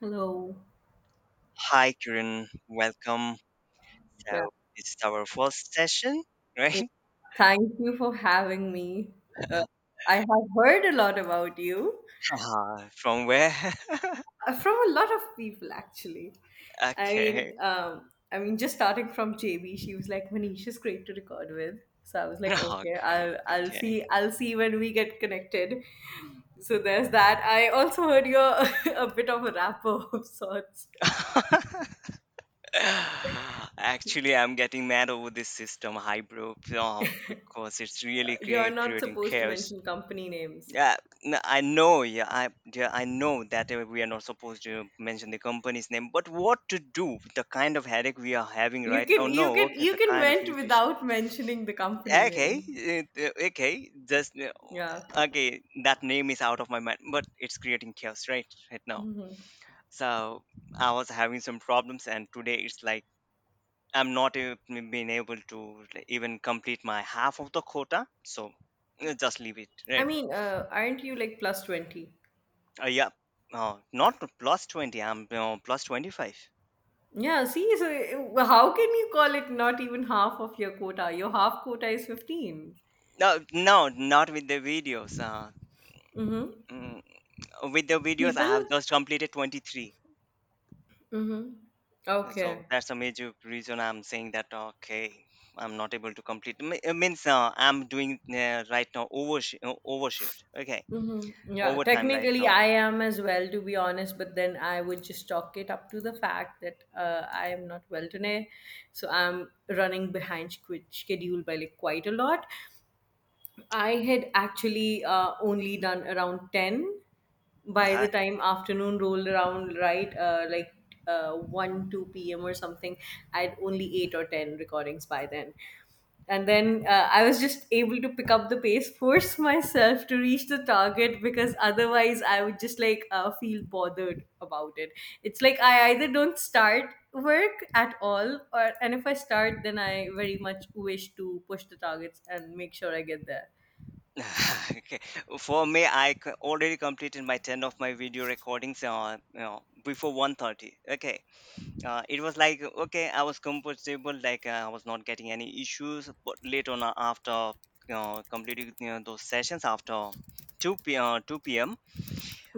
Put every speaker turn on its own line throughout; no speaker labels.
Hello.
Hi, Kiran. Welcome.
Yeah,
So, this is our first session, right?
thank you for having me. Uh, I have heard a lot about you
Ah, from where?
from a lot of people, actually. I mean,
Okay.
um, I mean, just starting from JB, she was like, "Manisha's great to record with." So I was like, "Okay,
Okay,
I'll
okay,
I'll
okay.
see I'll see when we get connected." So there's that. I also heard you're a bit of a rapper of sorts.
Actually, I'm getting mad over this system, hybrid, because it's really
You're not
creating
supposed to
chaos.
mention company names.
Yeah, I know. Yeah, I know that we are not supposed to mention the company's name, but what to do with the kind of headache we are having
You
right now?
can
No,
you can
okay,
you
the
can
kind of
vent
irritation.
without mentioning the company
Okay,
name.
okay, just
Yeah.
okay. That name is out of my mind, but it's creating chaos right now. So I was having some problems, and today it's like I'm not being able to even complete my half of the quota. So just leave it,
I
right?
mean, aren't you like plus 20?
Yeah, not to plus 20. I'm plus 25.
Yeah, see, so how can you call it not even half of your quota? Your half quota is 15.
No, no, not with the videos.
Mm-hmm.
Mm, with the videos, I
People?
have just completed 23.
Mm-hmm.
So
Okay.
that's a major reason I'm saying that okay, I'm not able to complete. It means I'm doing right now overshift. Okay,
Mm-hmm. Yeah,
overtime right
technically
now.
I am as well, to be honest, but then I would just chalk it up to the fact that I am not well today. So I'm running behind schedule by like quite a lot. I had actually only done around 10 by
Uh,
the time afternoon rolled around, right? Like 1, 2 p.m. or something. I'd only 8 or 10 recordings by then. And then I was just able to pick up the pace, force myself to reach the target because otherwise I would just like feel bothered about it. It's like I either don't start work at all, or and if I start, then I very much wish to push the targets and make sure I get there.
okay, for me, I already completed my ten of my video recordings. Before 1:30. Okay, it was like okay, I was comfortable. Like I was not getting any issues. But later on, after completing those sessions after two p. 2 p.m.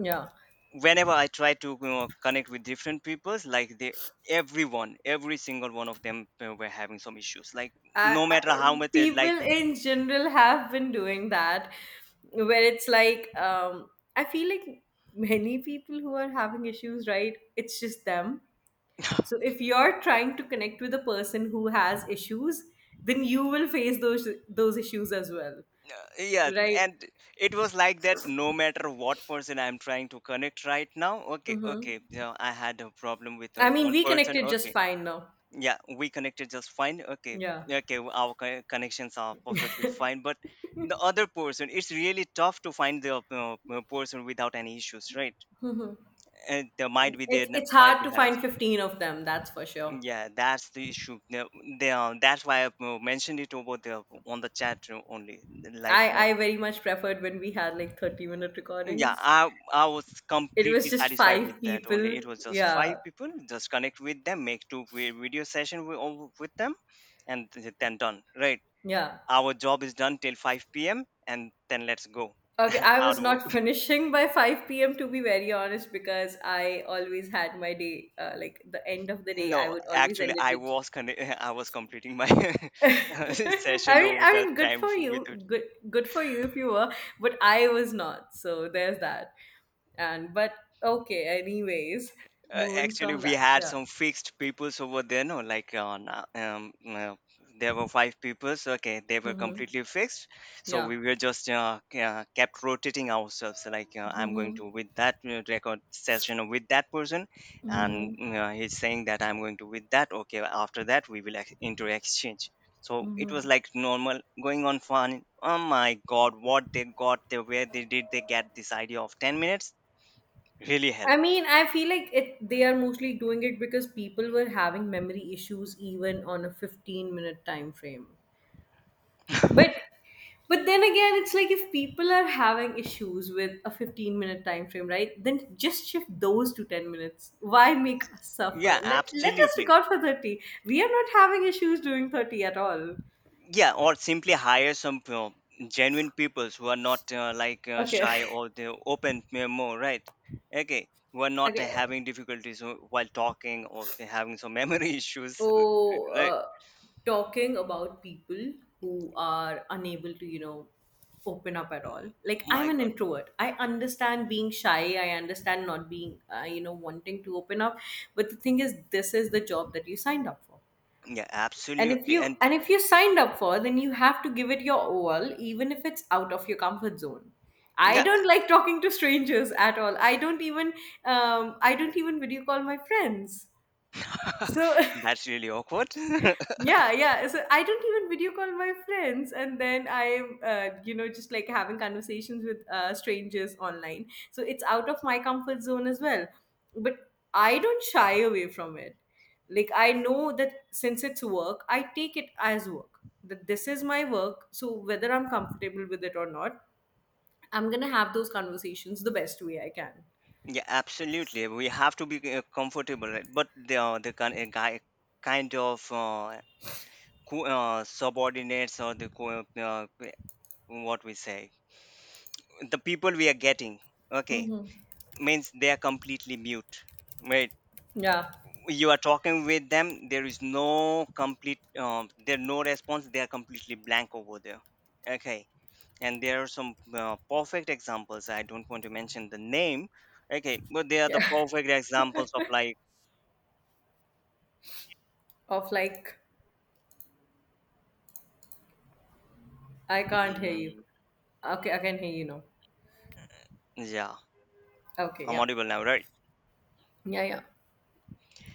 Yeah.
whenever I try to connect with different peoples, like they every single one of them were having some issues, like
I,
no matter
I,
how much they
people
like
in general have been doing that, where it's like, I feel like many people who are having issues, right? It's just them. So if you're trying to connect with a person who has issues, then you will face those issues as well,
yeah.
right?
And it was like that, no matter what person I'm trying to connect right now. Okay, okay, yeah, I had a problem with
I mean,
one
we
person.
connected just
Okay,
fine now.
yeah, we connected just fine. Okay,
Yeah.
okay, our connections are perfectly fine, but the other person, it's really tough to find the person without any issues, right? And there might be there
It's
n-
it's
might
hard
be
to
having
find 15 of them, that's for sure.
yeah, that's the issue now, they are that's why I've mentioned it over there on the chat room only, like
I very much preferred when we had like 30-minute
yeah,
recordings.
I was
It
completely
was just
satisfied
five
with that only.
people.
It was just five
Yeah.
people, just connect with them, make two video session with, all with them and then done, right?
Yeah.
Our job is done till 5 p.m. and then let's go.
Okay, I
out
was
wo-
not finishing by 5 p.m. to be very honest because I always had my day like the end of the day I
no,
would always
actually
end it
I
with
was I was completing my
I
session
mean
over
I
that
mean good
time
for
with.
you. Good for you if you were, but I was not. So there's that. And but okay, anyways, moving
Actually,
from
we
that.
had
Yeah.
some fixed peoples over there, no, like on there were five peoples. Okay, they were
Mhm.
completely fixed, so
Yeah.
we were just kept rotating ourselves. Like I'm going to with that record session with that person, and
Mhm.
he's saying that I'm going to with that. Okay, after that we will ex- into exchange. So it was like normal going on fun. Oh my God, what they got, they where they did they get this idea of 10 minutes? Really hell.
I mean, I feel like it. They are mostly doing it because people were having memory issues even on a 15-minute time frame. But, but then again, it's like if people are having issues with a 15-minute time frame, right? Then just shift those to 10 minutes. Why make us suffer?
Yeah,
Let us
absolutely.
record for 30. We are not having issues doing 30 at all.
Yeah, or simply hire some genuine peoples who are not like
Okay.
shy, or they open more, right? Okay, who are not
Okay.
having difficulties while talking, or they're having some memory issues,
Oh,
right?
talking about people who are unable to, you know, open up at all. Like, I'm
My
an
God.
introvert. I understand being shy. I understand not being, you know, wanting to open up. But the thing is, this is the job that you signed up for.
Yeah,
And
absolutely. And
if you signed up for, then you have to give it your all, even if it's out of your comfort zone. I
yeah,
don't like talking to strangers at all. I don't even video call my friends. So
that's really awkward.
Yeah, yeah. So I don't even video call my friends, and then I'm, you know, just like having conversations with strangers online. So it's out of my comfort zone as well. But I don't shy away from it. Like I know that since it's work, I take it as work. That this is my work. So whether I'm comfortable with it or not, I'm gonna have those conversations the best way I can.
Yeah, absolutely. We have to be comfortable, right? But the kind guy, kind of subordinates, or the what we say, the people we are getting, okay,
Mm-hmm.
means they are completely mute, right?
Yeah.
You are talking with them, there is no complete there no response, they are completely blank over there, okay. And there are some perfect examples, I don't want to mention the name, okay, but they are the
Yeah.
perfect examples of like,
Of like, I can't hear you.
mm,
Okay, I can hear you now.
yeah,
Okay,
I'm
yeah.
audible now, right?
Yeah, yeah.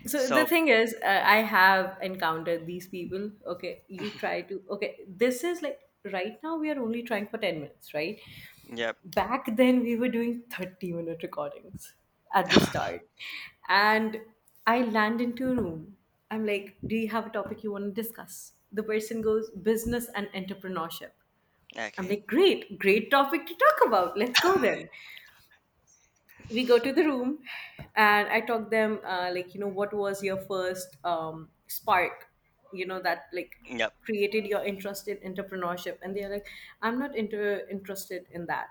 So the
So,
thing is, I have encountered these people. Okay, you try to. Okay, this is like right now we are only trying for 10 minutes, right?
yep.
Back then we were doing 30-minute recordings at the start. And I land into a room. I'm like, do you have a topic you want to discuss? The person goes, business and entrepreneurship. I'm
Okay,
like, great, great topic to talk about. Let's go then. We go to the room and I talk them like, you know, what was your first spark, you know, that like
yep.
created your interest in entrepreneurship, and they're like, "I'm not inter- interested in that."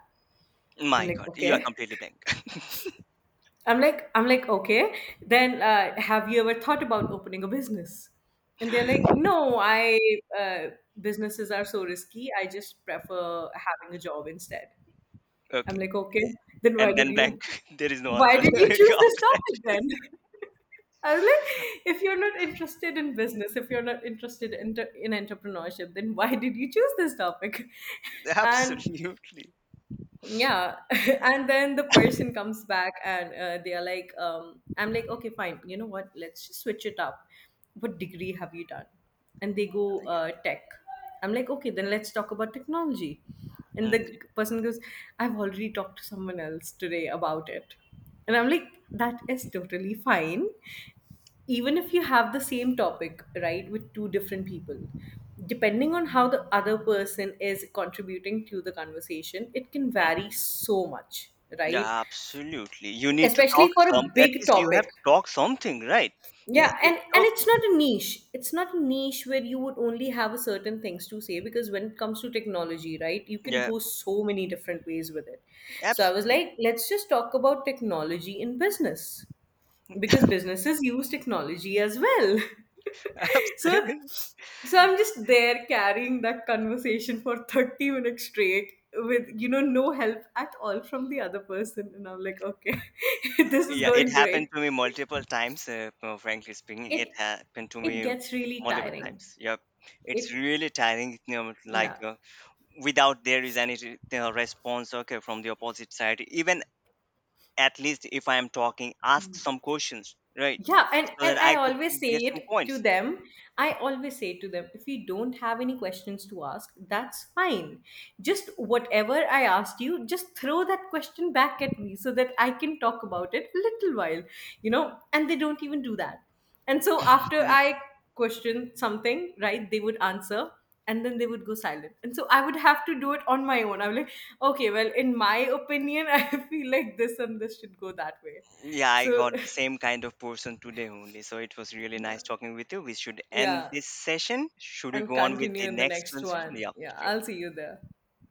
I'm
My
like,
God, you are
okay.
completely blank.
I'm like, okay, then have you ever thought about opening a business? And they're like, "No, I uh, businesses are so risky, I just prefer having a job instead." I'm
Okay,
like, okay, then
and then blank. There is no
why
answer
did you choose this
after that.
topic then? I was like, if you're not interested in business, if you're not interested in entrepreneurship, then why did you choose this topic? And
Absolutely.
yeah, and then the person comes back and I'm like, okay, fine. You know what? Let's just switch it up. What degree have you done? And they go tech. I'm like, okay, then let's talk about technology. And
Mm,
the person goes, I've already talked to someone else today about it. And I'm like, that is totally fine. Even if you have the same topic, right, with two different people, depending on how the other person is contributing to the conversation, it can vary
mhm.
so much, right?
Yeah, absolutely. You need to talk
Especially for
some.
a
At
big
least you have
topic.
to talk something, right? Yeah.
Yeah, and and
Okay.
it's not a niche. It's not a niche where you would only have a certain things to say, because when it comes to technology, right, you can
Yeah.
go so many different ways with it. So I was
Absolutely.
like, let's just talk about technology in business because businesses use technology as well. So,
Absolutely.
so I'm just there carrying that conversation for 30 minutes straight with, you know, no help at all from the other person. And I'm like, okay, this is
Yeah. It
going
happened
great.
to me multiple times. Frankly speaking, it
it
happened to
it
me
gets really
multiple
tiring.
times. Yep. It's
It,
really tiring. You know, like
yeah.
without there is any response. Okay, from the opposite side. Even at least if I am talking, ask some questions, right?
Yeah, and
So
and
that
I
I could
always say
get
it
some
to
points.
them. I always say to them, if you don't have any questions to ask, that's fine. Just whatever I asked you, just throw that question back at me so that I can talk about it a little while, you know? And they don't even do that. And so after I question something, right, they would answer and then they would go silent. And so I would have to do it on my own. I'm like, okay, well, in my opinion, I feel like this and this should go that way.
Yeah, I
So,
got the same kind of person today only. So it was really nice talking with you. We should end
yeah,
this session. Should we
and
go on with
continue
the
in the
next
next
one?
one.
Yeah,
Yeah,
sure.
I'll see you there.